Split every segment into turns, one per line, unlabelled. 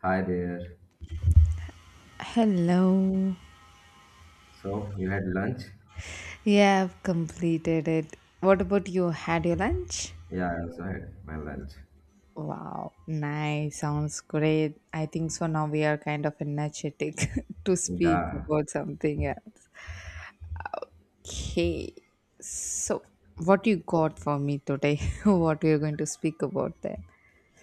Hi there.
Hello.
So you had lunch?
Yeah, I've completed it. What about you? Had your lunch?
Yeah, I also had my lunch.
Wow, nice. Sounds great. I think so. Now we are kind of energetic to speak
Yeah.
about something else. Okay. So, what you got for me today? What we are going to speak about then?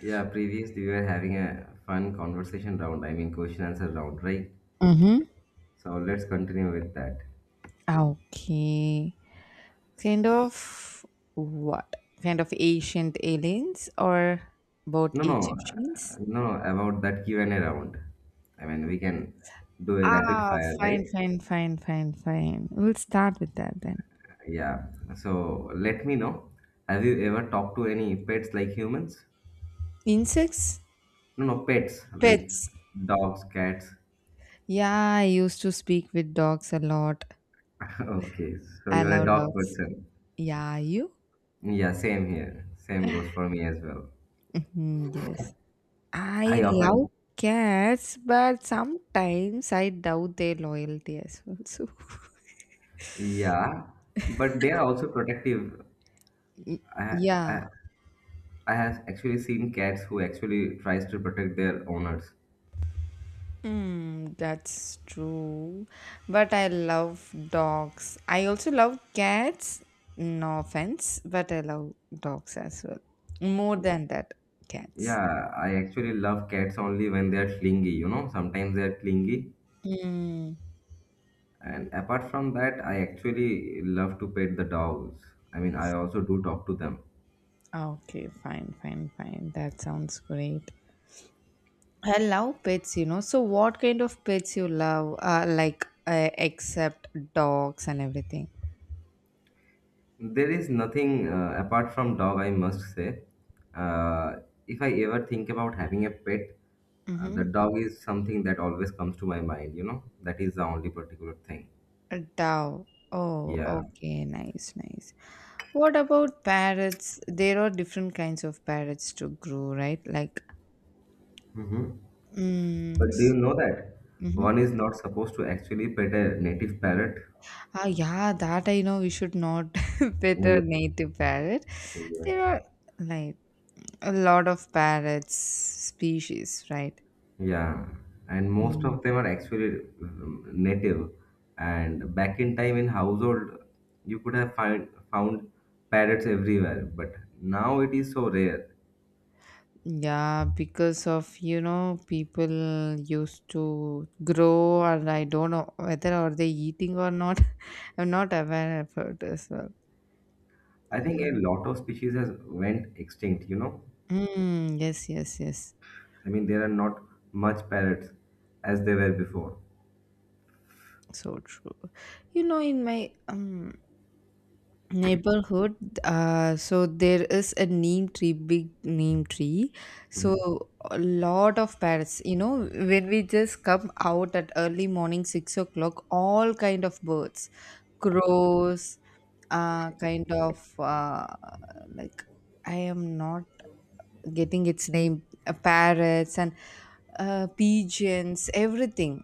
Yeah, previously we were having a fun conversation round. I mean question answer round, right?
Mm-hmm.
So let's continue with that.
Okay. Kind of what? Kind of ancient aliens or about
No, no,
Egyptians?
no, about that Q&A round. I mean we can do a rapid fire, right?
Fine, fine, fine, fine, fine. We'll start with that then.
Yeah. So let me know. Have you ever talked to any pets like humans?
Insects?
No, no, pets like
Pets.
dogs, cats.
Yeah, I used to speak with dogs a lot.
Okay, so
I
you're a
love
dog
dogs.
person.
Yeah, you?
Yeah, same here. Same goes for me as well.
Mhm. Yes. I
I
love
often,
cats, but sometimes I doubt their loyalty as well. So,
yeah, but they are also protective.
y-
I,
yeah.
I, I have actually seen cats who actually tries to protect their owners.
Hmm, that's true. But I love dogs. I also love cats. No offense, but I love dogs as well. More than that, cats.
Yeah, I actually love cats only when they are clingy, sometimes they are clingy.
Hmm.
And apart from that, I actually love to pet the dogs. I mean, I also do talk to them.
Okay, fine, fine, fine. That sounds great. I love pets, you know. So, what kind of pets you love? Like, except dogs and everything.
There is nothing apart from dog, I must say. Uh, if I ever think about having a pet, the
Mm-hmm.
dog is something that always comes to my mind, you know? That is the only particular thing.
A dog. Oh,
Yeah.
okay, nice, nice. What about parrots? There are different kinds of parrots to grow, right?
hmm
Mm,
But do you
s-
know that
mhm.
one is not supposed to actually pet a native parrot?
Yeah, that I know we should not pet a
Yes.
native parrot. There
Yes.
are like a lot of parrots species, right?
Yeah, and most
Mm.
of them are actually native. And back in time in household, you could have found parrots everywhere, but now it is so rare.
Yeah, because of you know people used to grow, and I don't know whether are they eating or not. I'm not aware of it as well.
I think a
Mhm.
lot of species has went extinct, you know?
Mm, yes, yes, yes.
I mean, there are not much parrots as they were before.
So true, you know. In my neighborhood, so there is a neem tree, big neem tree. So a lot of parrots, you know, when we just come out at early morning 6 o'clock, all kind of birds, crows, kind of like, I am not getting its name, parrots and pigeons, everything.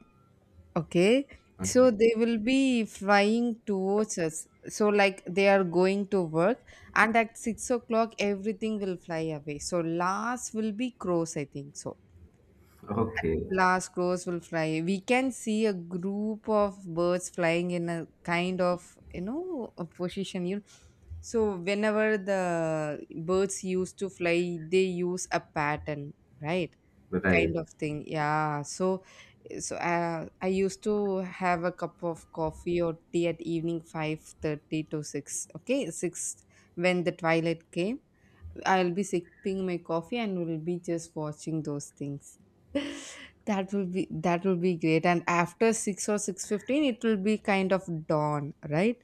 Okay,
Okay.
so they will be flying towards us. So, like they are going to work, and at 6 o'clock, everything will fly away. So, last will be crows, I think so.
Okay,
Last crows will fly. We can see a group of birds flying in a kind of, you know, a position. You so whenever the birds used to fly, they use a pattern, right?
right.
Kind of thing, yeah. So I used to have a cup of coffee or tea at evening 5:30 to 6, okay, 6, when the twilight came. I'll be sipping my coffee and will be just watching those things. That will be great. And after 6 or 6:15, it will be kind of dawn, right?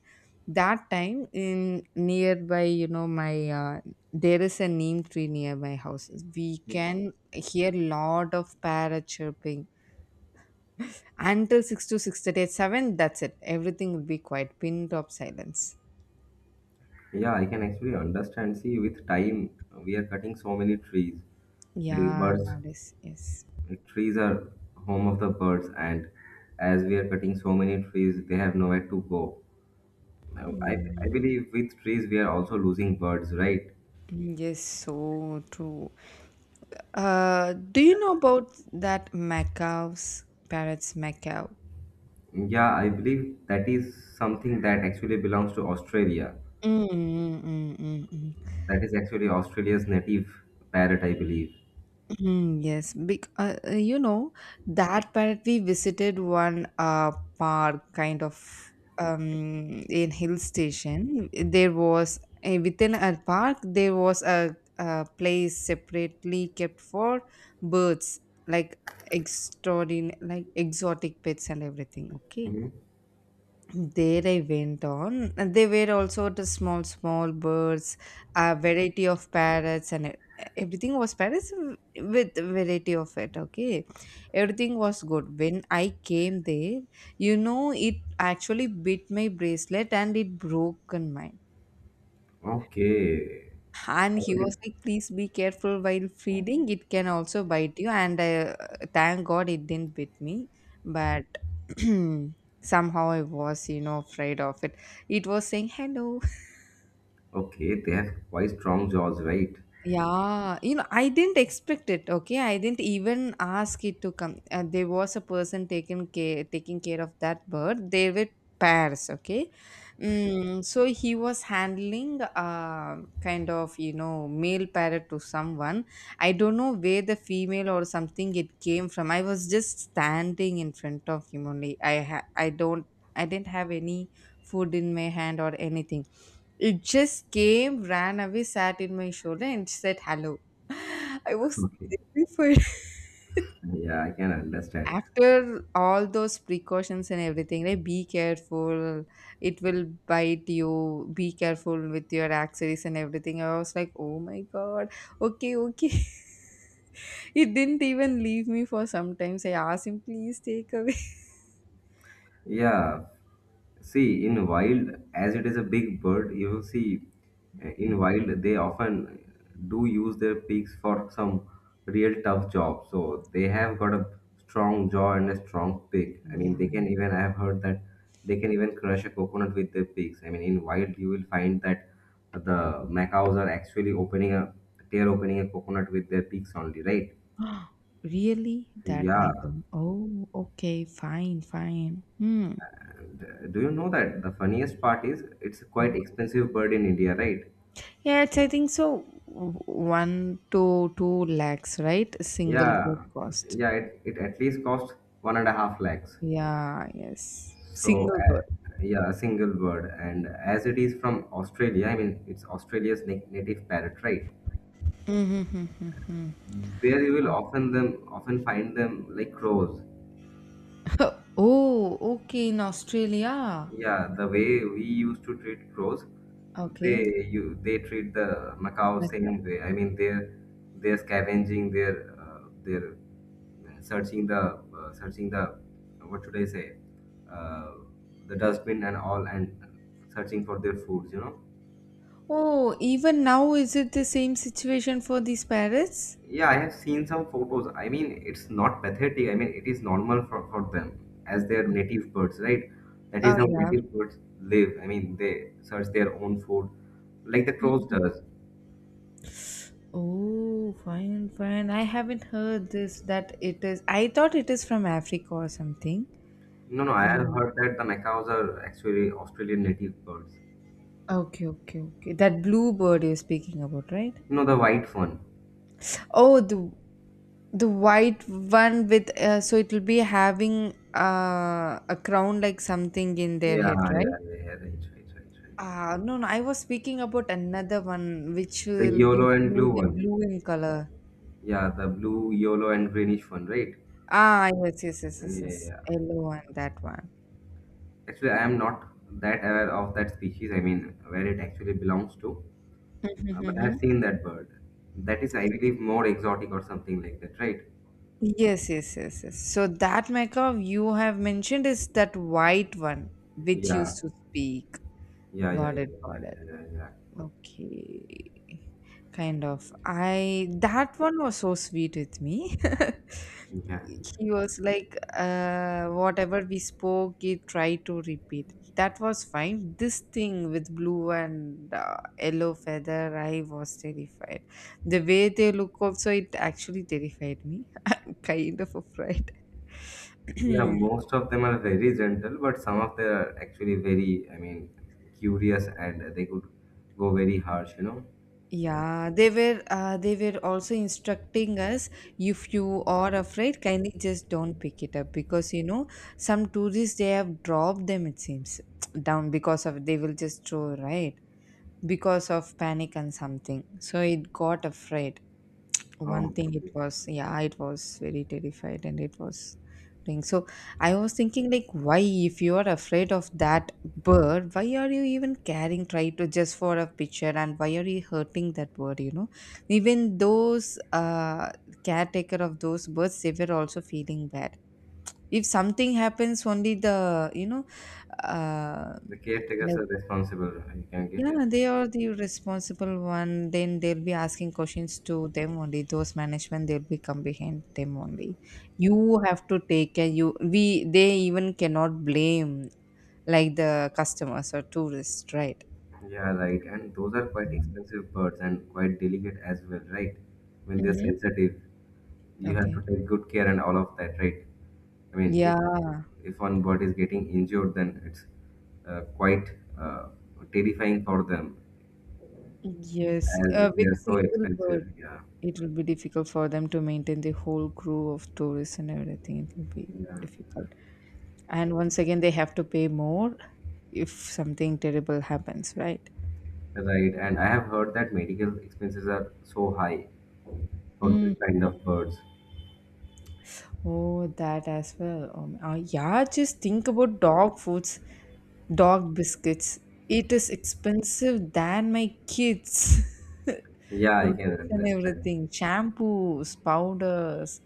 That time in nearby, you know, my there is a neem tree near my house. We can hear lot of parrot chirping until 6 to 6:30, at 7. That's it. Everything will be quiet, pin drop silence.
Yeah, I can actually understand. See, with time, we are cutting so many trees. Like
Yeah,
birds
nowadays, yes.
trees are home of the birds, and as we are cutting so many trees, they have nowhere to go. Now, I,
Mm,
I believe with trees we are also losing birds, right?
mm, yes, so true. Do you know about that macaws, parrots macaw?
Yeah, I believe that is something that actually belongs to Australia.
Mm, mm, mm, mm, mm.
That is actually Australia's native parrot, I believe.
Mhm. Yes. Bec You know, that part we visited one park, kind of, um in hill station. There was, within a park there was a place separately kept for birds, like extraordinary, like exotic pets and everything. Okay.
Mhm.
There I went on. And they were also the small, small birds, a variety of parrots, and everything was parrots with variety of it. Okay, everything was good. When I came there, you know, it actually bit my bracelet and it broken mine,
Okay.
and
I
he was
believe-
like, please be careful while feeding. It can also bite you. And thank God it didn't bite me. But somehow I was, you know, afraid of it. It was saying hello.
okay, they have quite strong jaws, right?
Yeah, you know, I didn't expect it. Okay, I didn't even ask it to come. There was a person taking care of that bird. They were pairs. Okay,
Okay.
so he was handling kind of, you know, male parrot to someone. I don't know where the female or something it came from. I was just standing in front of him only. I ha- I don't I didn't have any food in my hand or anything. It just came, ran away, sat in my shoulder, and said hello. I was
Okay.
terrified.
Yeah, I can understand.
After all those precautions and everything, like be careful, it will bite you, be careful with your accessories and everything. I was like, oh my god, okay, okay. It didn't even leave me for some times. I asked him, please take away.
Yeah, see, in wild, as it is a big bird, you will see in wild they often do use their beaks for some real tough job. So they have got a strong jaw and a strong beak. I mean,
Yeah.
they can even, I have heard that they can even crush a coconut with their beaks. I mean, in wild, you will find that the macaws are actually they're opening a coconut with their beaks only, right?
Really? That
Yeah.
item. Oh, okay, fine, fine. Hmm.
Do you know that the funniest part is it's a quite expensive bird in India, right?
Yeah, it's, I think so, w- one to two lakhs, right? Single bird
Yeah,
cost.
yeah, it at least costs 1.5 lakhs.
Yeah, yes.
So,
Single bird.
yeah, a single bird. And as it is from Australia, I mean, it's Australia's native parrot, right?
Mm-hmm.
There you will often them often find them like crows.
Oh, okay, in Australia.
Yeah, the way we used to treat crows,
Okay.
they treat the macaw
Okay.
same way. I mean, they're scavenging, they're searching the what should I say, uh, the dustbin and all, and searching for their foods.
Oh, even now is it the same situation for these parrots?
Yeah, I have seen some photos. I mean, it's not pathetic. I mean, it is normal for them as their native birds, right? That
Oh
is how
yeah.
native birds live. I mean, they search their own food like the crows
Mm.
does.
Oh, fine, fine. I haven't heard this that it is. I thought it is from Africa or something.
No, no, I have
Mm.
heard that the macaws are actually Australian native birds.
Okay, okay, okay. That blue bird you're speaking about, right?
You know, the white one.
Oh, the white one with, so it'll be having, a crown like something in their
Yeah,
head,
yeah, yeah,
right?
yeah, right, right, right, right.
No, no, I was speaking about another one which
The
will be
yellow and blue
huge and
one.
blue in color.
Yeah, the blue, yellow, and greenish one, right?
Ah, yes, yes, yes, yes,
Yeah, yeah,
yes.
yeah.
Yellow one, that one.
Actually, I am not that aware of that species. I mean, where it actually belongs to, but I
Mm-hmm.
have seen that bird. That is, I believe, more exotic or something like that, right?
Yes, yes, yes, yes. So that Mecca you have mentioned is that white one which
Yeah,
used to speak.
yeah, yeah,
Got
yeah,
it,
yeah,
got it.
yeah, yeah, yeah.
Okay. Kind of. I that one was so sweet with me.
Yeah,
He was like, whatever we spoke, he tried to repeat. That was fine. This thing with blue and yellow feather, I was terrified. The way they look also, it actually terrified me. Kind of afraid.
yeah, most of them are very gentle, but some of them are actually very, I mean, curious and they could go very harsh.
Yeah, they were also instructing us, if you are afraid, kindly just don't pick it up, because you know some tourists they have dropped them it seems down because of they will just throw, right, because of panic and something. So it got afraid.
Oh,
One thing, it
okay.
was, yeah, it was very terrified and it was thing. So I was thinking like, why if you are afraid of that bird, why are you even caring try to just for a picture, and why are you hurting that bird, you know. Even those caretaker of those birds, they were also feeling bad if something happens, only the, you know, uh
The caretakers are responsible. I can get it.
yeah, they are the responsible one. Then they'll be asking questions to them only. Those management they'll be come behind them only. You have to take care. You we they even cannot blame like the customers or tourists, right?
Yeah, right. And those are quite
Yeah.
expensive birds and quite delicate as well, right? When they're
Hmm.
sensitive, you have to
Okay.
take good care and all of that, right? I mean, if
Yeah.
if one bird is getting injured, then it's quite uh, terrifying for them,
Yes.
as if they
With
are so
single
expensive.
bird,
Yeah,
it will be difficult for them to maintain the whole crew of tourists and everything. It will be
yeah,
difficult. And once again, they have to pay more if something terrible happens, right?
right. And I have heard that medical expenses are so high for this
Mm.
kind of birds.
Oh, that as well. Yeah, just think about dog foods, dog biscuits. It is expensive than my kids.
Yeah, I can
Routines and
understand.
everything, shampoos, powders,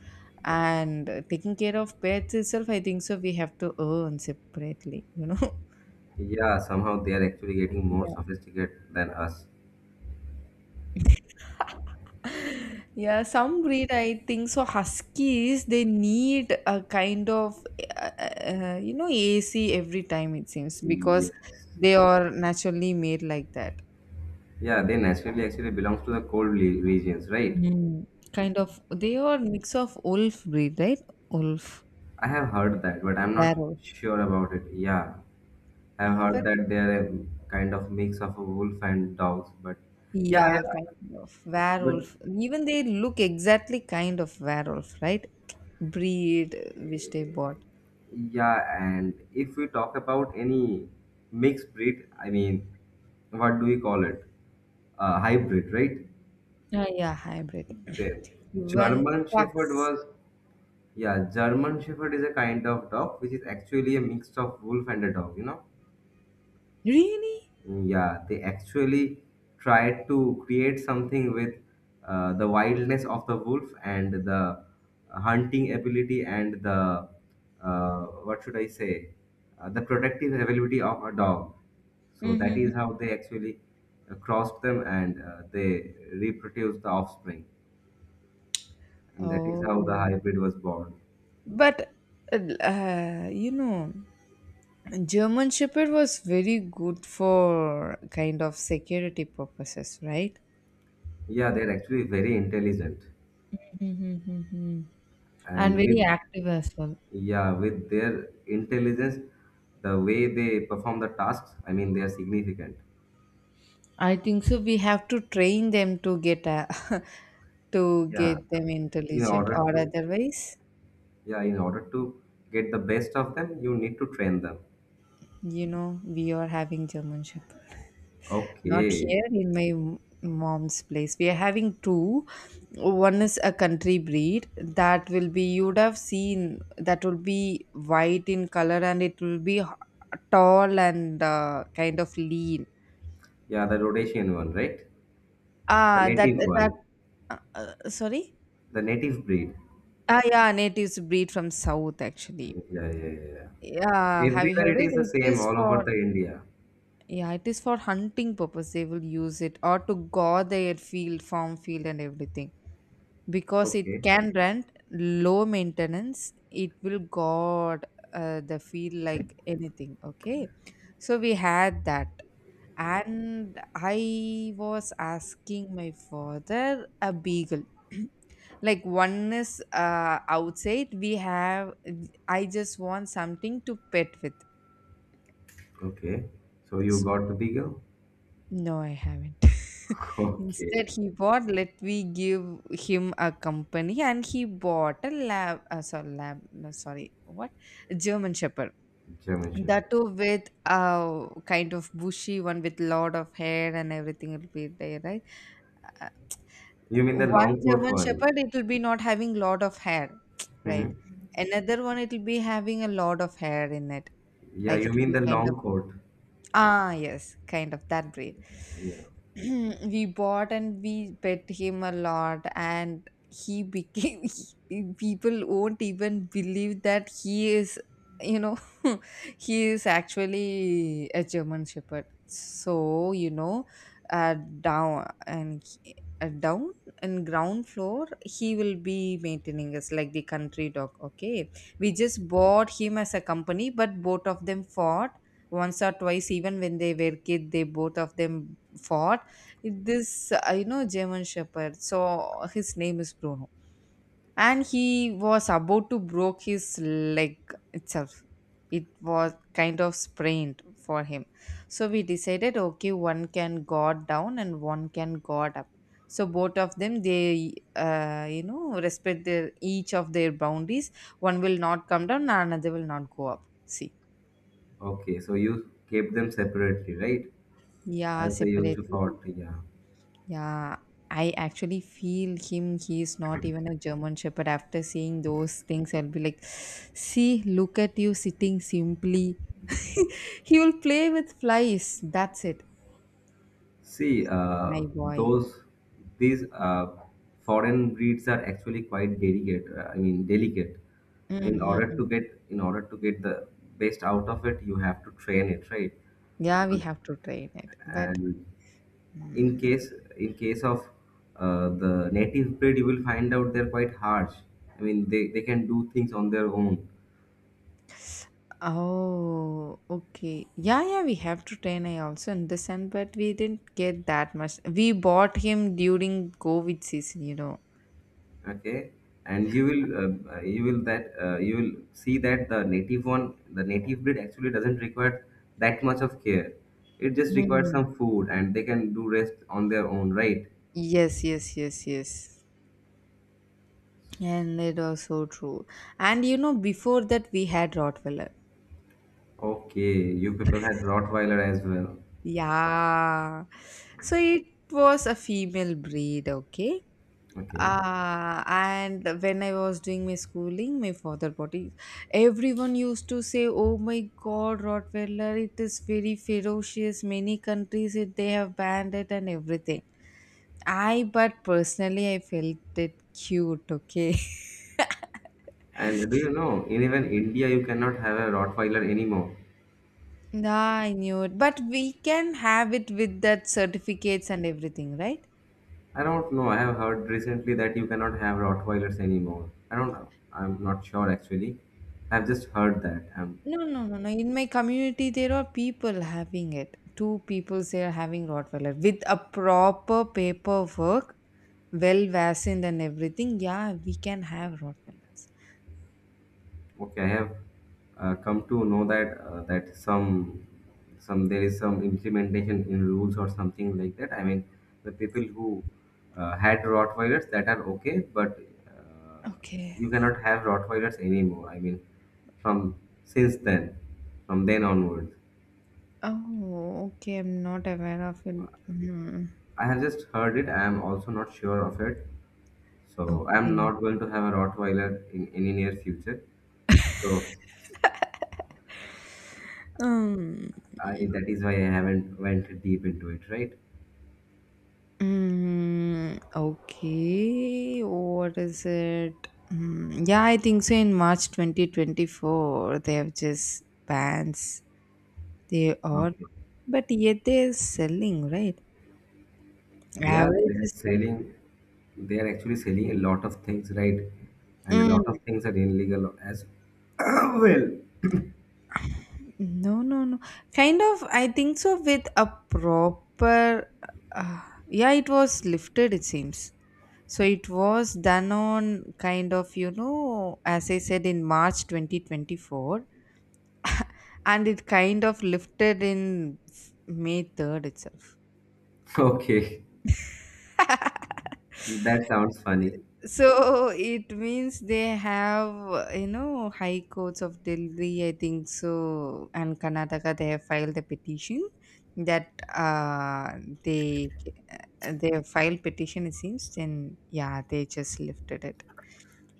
and taking care of pets itself. I think so. We have to earn separately, you know.
Yeah, somehow they are actually getting more
Yeah.
sophisticated than us.
Yeah, some breed I think so. Huskies they need a kind of you know, AC every time it seems because
Yes.
they are naturally made like that.
Yeah, they naturally actually belongs to the cold regions, right?
Mm, kind of they are mix of wolf breed, right? Wolf,
I have heard that, but I'm not
werewolf.
sure about it. Yeah, I've
Yeah,
heard
but
that they are a kind of mix of a wolf and dogs, but yeah, I
yeah,
have,
kind of
but
werewolf. Even they look exactly kind of werewolf, right? Breed which they bought.
yeah, and if we talk about any mixed breed, I mean, what do we call it? Hybrid, right?
Ah, yeah, hybrid.
The
Even
German Shepherd
pugs.
was Yeah, German Shepherd is a kind of dog which is actually a mix of wolf and a dog, you know.
Really?
Mm, yeah, they actually tried to create something with the wildness of the wolf and the hunting ability and the what should I say, the protective ability of a dog. So that
Hmm.
is how they actually crossed them and they reproduced the offspring, and that is how the
Oh,
hybrid was born.
but you know, German Shepherd was very good for kind of security purposes, right?
Yeah, they're actually very intelligent,
Mm-hmm. And
and
very
with
active as well.
yeah with their intelligence, the way they perform the tasks, I mean, they are significant.
I think so. So we have to train them to get a, to
yeah
get them
in
intelligent, or
order to
otherwise,
yeah in order to get the best of them, you need to train them.
you know, we are having German Shepherd. Not
Okay.
here in my mom's place. We are having two. One is a country breed that will be, you would have seen, that will be white in color and it will be tall and kind of lean.
Yeah, the Rhodesian one, right? The
Ah, that,
native
that,
one.
Sorry?
The native breed.
Yeah, natives breed from south actually.
Yeah, yeah, yeah, yeah.
Yeah, have you
Everywhere
heard
it
it?
is the
It
same
is
all over
for.
the India.
Yeah, it is for hunting purpose they will use it or to guard their field, farm field and everything. Because it
Okay.
can rent low maintenance, it will guard the field like anything. Okay. So we had that. And I was asking my father a beagle. Like one is outside we have, I just want something to pet with.
Okay, so you got the beagle?
No, I haven't.
Okay.
Instead, he bought, let me give him a company, and he bought a lab, sorry, lab, no, sorry, what? A German Shepherd.
German
That
Shepherd.
too with a kind of bushy one with lot of hair and everything will be there, right? Uh,
You mean the
One
long coat
German
one?
Shepherd, it will be not having lot of hair, right?
Hmm.
Another one, it will be having a lot of hair in it.
Yeah,
Like
you
it will
mean
be
the
kind
long
of.
coat.
Ah, yes, kind of that breed.
Yeah.
We bought and we pet him a lot, and he became... people won't even believe that he is, you know, he is actually a German Shepherd. Uh, down and down and ground floor, he will be maintaining us like the country dog. Okay, we just bought him as a company, but both of them fought once or twice. Even when they were kid, they both of them fought this German Shepherd. So his name is Bruno, and he was about to broke his leg itself. It was kind of sprained for him. So we decided, okay, one can guard down and one can guard up. So both of them, they respect their each of their boundaries. One will not come down, another will not go up, see.
Okay, so you kept them separately, right?
Yeah,
As they used
separately.
to fought. Yeah.
Yeah, I actually feel him. He's not even a German Shepherd. After seeing those things, I'll be like, see, look at you sitting simply. He will play with flies. That's it,
See,
my boy.
those these foreign breeds are actually quite delicate. I mean, delicate.
Hmm.
In order to get the best out of it, you have to train it, right?
Yeah, we
And
have to train it.
and in
Mm,
case in case of the native breed, you will find out they're quite harsh. I mean, they can do things on their own.
oh, okay. Yeah, yeah, we have to train. I also understand, but we didn't get that much. We bought him during COVID season, you know.
Okay. And you will see that the native breed actually doesn't require that much of care. It just requires
Mm.
some food, and they can do rest on their own, right?
Yes, yes, yes, yes. And it was so true. And you know, before that we had Rottweiler.
Okay. You people had Rottweiler as well?
Yeah. So it was a female breed, okay?
Okay.
And when I was doing my schooling, my father bought it. Everyone used to say, "Oh my God, Rottweiler, it is very ferocious. Many countries it, they have banned it and everything." I, but personally I felt it cute, okay?
And do you know in even India you cannot have a Rottweiler anymore?
Yeah, I knew it. But we can have it with that certificates and everything, right?
I don't know, I have heard recently that you cannot have Rottweilers anymore. I don't know, I'm not sure actually. I've just heard that I
No, no, no, no. In my community, there are people having it. Two people say are having Rottweiler with a proper paperwork, well vaccinated and everything. Yeah, we can have Rottweilers.
Okay, I have come to know that that some there is some implementation in rules or something like that. I mean, the people who had Rottweilers that are okay, but uh,
Okay.
you cannot have Rottweilers anymore. I mean, from since then, from then onwards,
Oh, okay. I'm not aware of it. Hmm.
I have just heard it. I am also not sure of it, so I am
Okay.
not going to have a Rottweiler in any near future. So
Um.
I that is why I haven't went deep into it, right?
Mm, okay. What is it? Mm, yeah, I think so. In March 2024, they have just bans. They are,
Okay.
but yet they're selling, right?
Yeah,
Average is, like,
they're actually selling a lot of things, right? And a
mm,
lot of things are illegal as well.
no, no, no. Kind of, I think so. With a proper... uh, yeah, it was lifted, it seems. So it was done on kind of, you know, as I said in March 2024, and it kind of lifted in May 3rd itself.
Okay, that sounds funny.
So it means they have, high courts of Delhi, I think so, and Karnataka, they have filed a petition. That they they have filed petition, it seems. Then yeah, they just lifted it.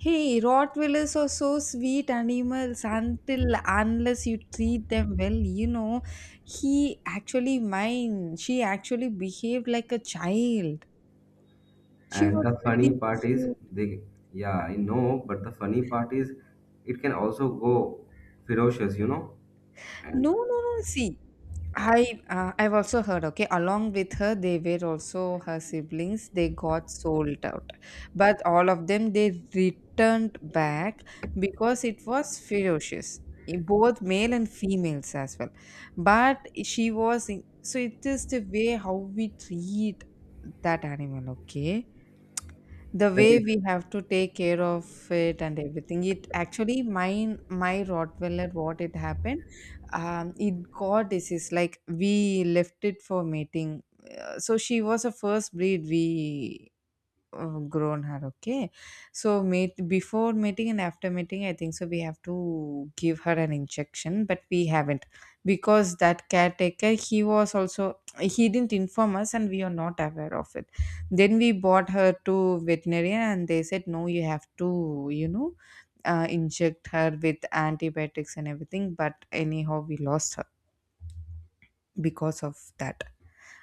Hey, Rottweilers are so so sweet animals until unless you treat them well. You know, he actually, mine, she actually behaved like a child. She
And
was
the funny
really
part is,
cute.
they, yeah, I know, but the funny part is, it can also go ferocious, you know?
No,
And
no, no. See, I've also heard, okay, along with her, they were also her siblings, they got sold out, but all of them they returned back because it was ferocious, eh, both male and females as well. But so it is the way how we treat that animal, okay, the
that
way
is
we have to take care of it and everything. It actually mine, my Rottweiler, what it happened, um, it got disease like we left it for mating. So she was a first breed we grown her, okay. So mate, before mating and after mating, I think so, we have to give her an injection, but we haven't, because that caretaker, he was also, he didn't inform us and we are not aware of it. Then we brought her to veterinarian and they said, "No, you have to, you know, inject her with antibiotics and everything," but anyhow we lost her because of that.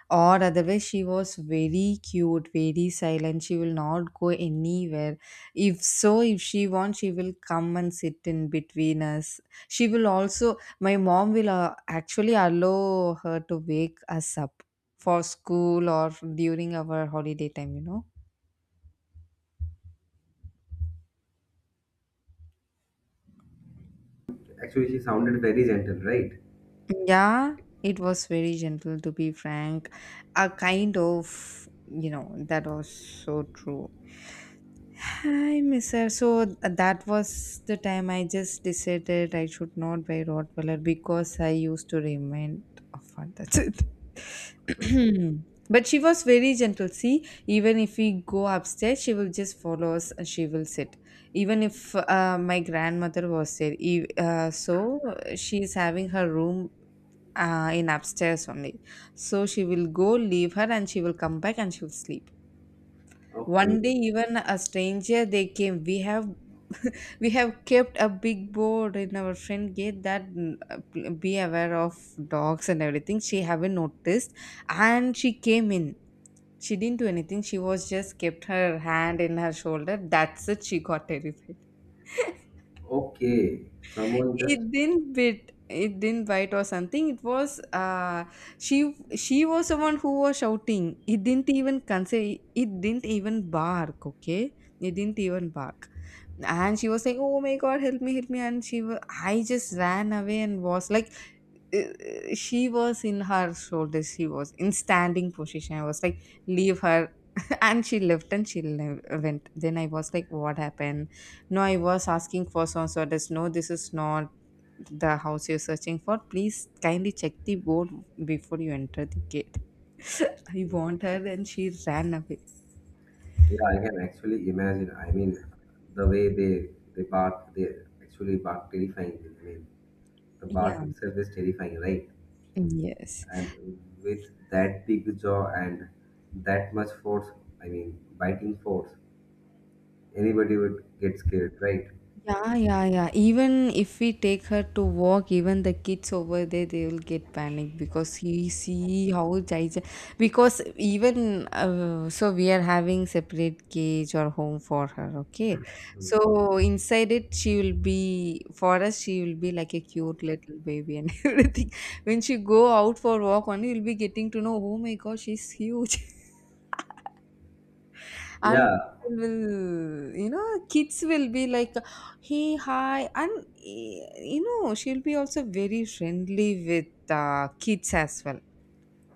Or otherwise, she was very cute, very silent. She will not go anywhere. If so, if she wants, she will come and sit in between us. She will also, my mom will actually allow her to wake us up for school or during our holiday time, you know.
actually, She sounded very gentle, right?
Yeah, it was very gentle, to be frank. A kind of, you know, that was so true. Hi, Mr. So that was the time I just decided I should not buy Rottweiler because I used to remind of one. That's it.
Okay,
But she was very gentle. See, even if we go upstairs, she will just follow us and she will sit. Even if my grandmother was there, so she is having her room in upstairs only. So she will go, leave her, and she will come back and she will sleep.
okay,
One day, even a stranger, they came. We have we have kept a big board in our friend gate that be aware of dogs and everything. She haven't noticed, and she came in. She didn't do anything. She was just kept her hand in her shoulder. That's it. She got terrified.
okay. Someone just
It didn't bit. It didn't bite or something. It was she... she was someone who was shouting. It didn't even consider. It didn't even bark. Okay, it didn't even bark, and she was saying, "Oh my God, help me, help me!" And I just ran away and was like, she was in her shoulders. She was in standing position. I was like, "Leave her." And she left and went. Then I was like, "What happened? No, I was asking for so and so. This, no, this is not the house you're searching for. Please kindly check the board before you enter the gate." I want her and she ran away.
Yeah, I can actually imagine. I mean, the way they bark, they actually bark terrifying. I mean, the bark
Yeah.
itself is terrifying, right?
Yes.
And with that big jaw and that much force, I mean, biting force, anybody would get scared, right?
Yeah, yeah, yeah. Even if we take her to walk, even the kids over there, they will get panic because he see how Jaija. Because even so, we are having separate cage or home for her. Okay, so inside it, she will be for us. She will be like a cute little baby and everything. When she go out for walk, only you'll be getting to know, "Oh my gosh, she's huge." And
Yeah.
people will, you know, kids will be like, "Hey, hi," and you know, she'll be also very friendly with kids as well.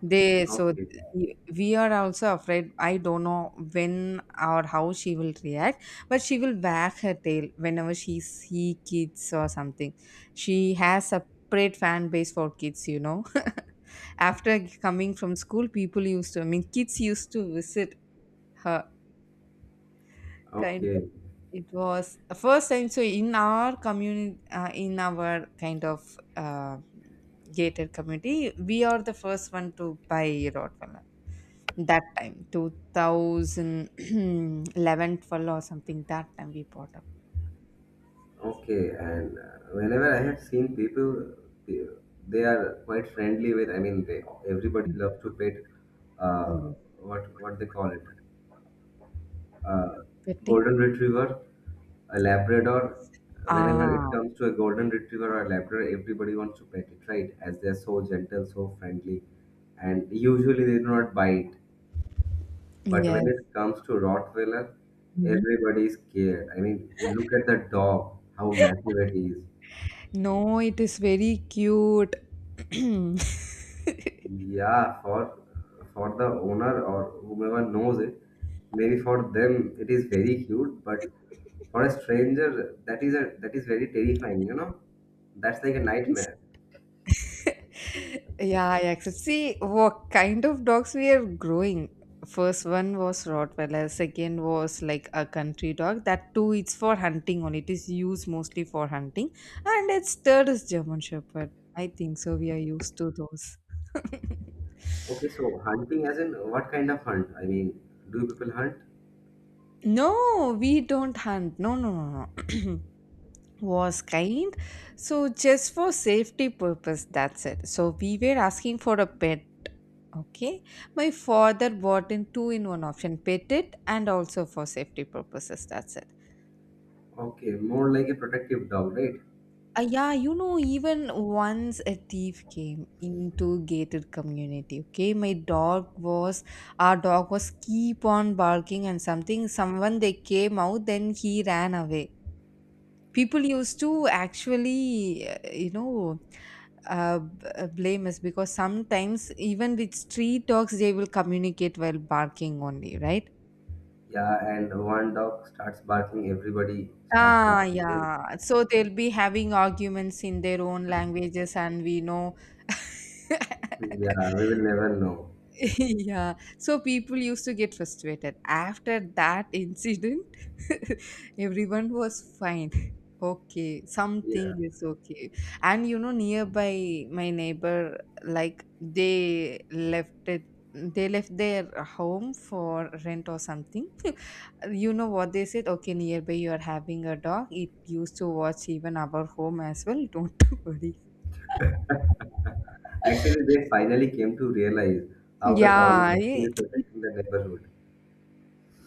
They so
Okay.
we are also afraid, I don't know when or how she will react. But she will wag her tail whenever she see kids or something. She has a separate fan base for kids, you know. After coming from school, people used to, I mean, kids used to visit her. Kind of.
Okay.
It was a first time. So in our community, in our kind of uh, gated community, we are the first one to buy Rottweiler. That time, 2011, 12 or something. That time we bought up.
Okay. And whenever I have seen people, they, they are quite friendly with. I mean, they everybody loves to pet. Uh,
Mm.
what they call it? uh,
Petting.
Golden retriever, a Labrador. Whenever it
Ah,
comes to a golden retriever or a Labrador, everybody wants to pet it, right? As they're so gentle, so friendly, and usually they do not bite. But when
yes.
it comes to Rottweiler,
Mhm.
everybody is scared. I mean, look at the dog, how massive it is.
No, it is very cute.
Yeah, for the owner or whomever knows it, maybe for them it is very cute, but for a stranger that is very terrifying, you know? That's like a
It's
nightmare.
yeah, I accept. See, what kind of dogs we are growing. First one was Rottweiler, second was like a country dog. That too, it's for hunting only. It is used mostly for hunting. And its third is German Shepherd, I think so. We are used to those.
Okay, so hunting as in what kind of hunt? I mean, do people hunt?
No, we don't hunt. No, no, no, no. Was kind. So just for safety purpose, that's it. So we were asking for a pet. Okay. My father bought in two in one option, petted and also for safety purposes. That's it.
Okay, more like a protective dog, right?
Yeah, you know, even once a thief came into gated community. Okay, my dog was our dog was keep on barking and something. Someone they came out, then he ran away. People used to actually, blame us because sometimes even with street dogs they will communicate while barking only, right?
Yeah, and one dog starts barking, everybody starts
Ah,
barking, right?
yeah. So they'll be having arguments in their own languages, and we know.
Yeah, we will never know.
Yeah, so people used to get frustrated after that incident. Everyone was fine. Okay, something
Yeah.
is okay. And you know, nearby my neighbor, like they left it, they left their home for rent or something. You know what they said? Okay, nearby you are having a dog, it used to watch even our home as well. Don't worry.
Actually, they finally came to realize how the dog is
yeah, i-
actually protecting the neighborhood.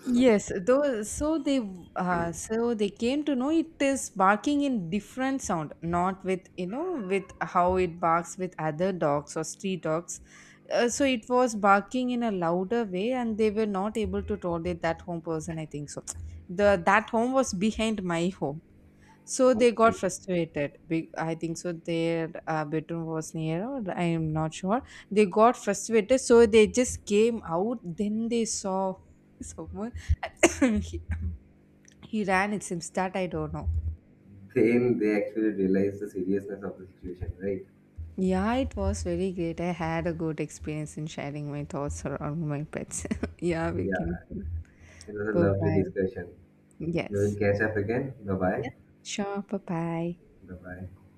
Yes, though so they came to know it is barking in different sound, not with, you know, with how it barks with other dogs or street dogs. So it was barking in a louder way, and they were not able to tolerate, that home person, I think so. The That home was behind my home, so they got
Okay.
frustrated. I think so. Their bedroom was near, or I am not sure. They got frustrated, so they just came out. Then they saw someone. he, he ran, it seems, that I don't know.
Then they actually realized the seriousness of the situation, right?
Yeah, it was very great. I had a good experience in sharing my thoughts around my pets. Yeah, we
Yeah,
can.
it was a
Bye
lovely
bye.
discussion. We will
Yes.
catch up again. Bye
Yeah.
bye.
Sure. Bye bye.
Bye bye.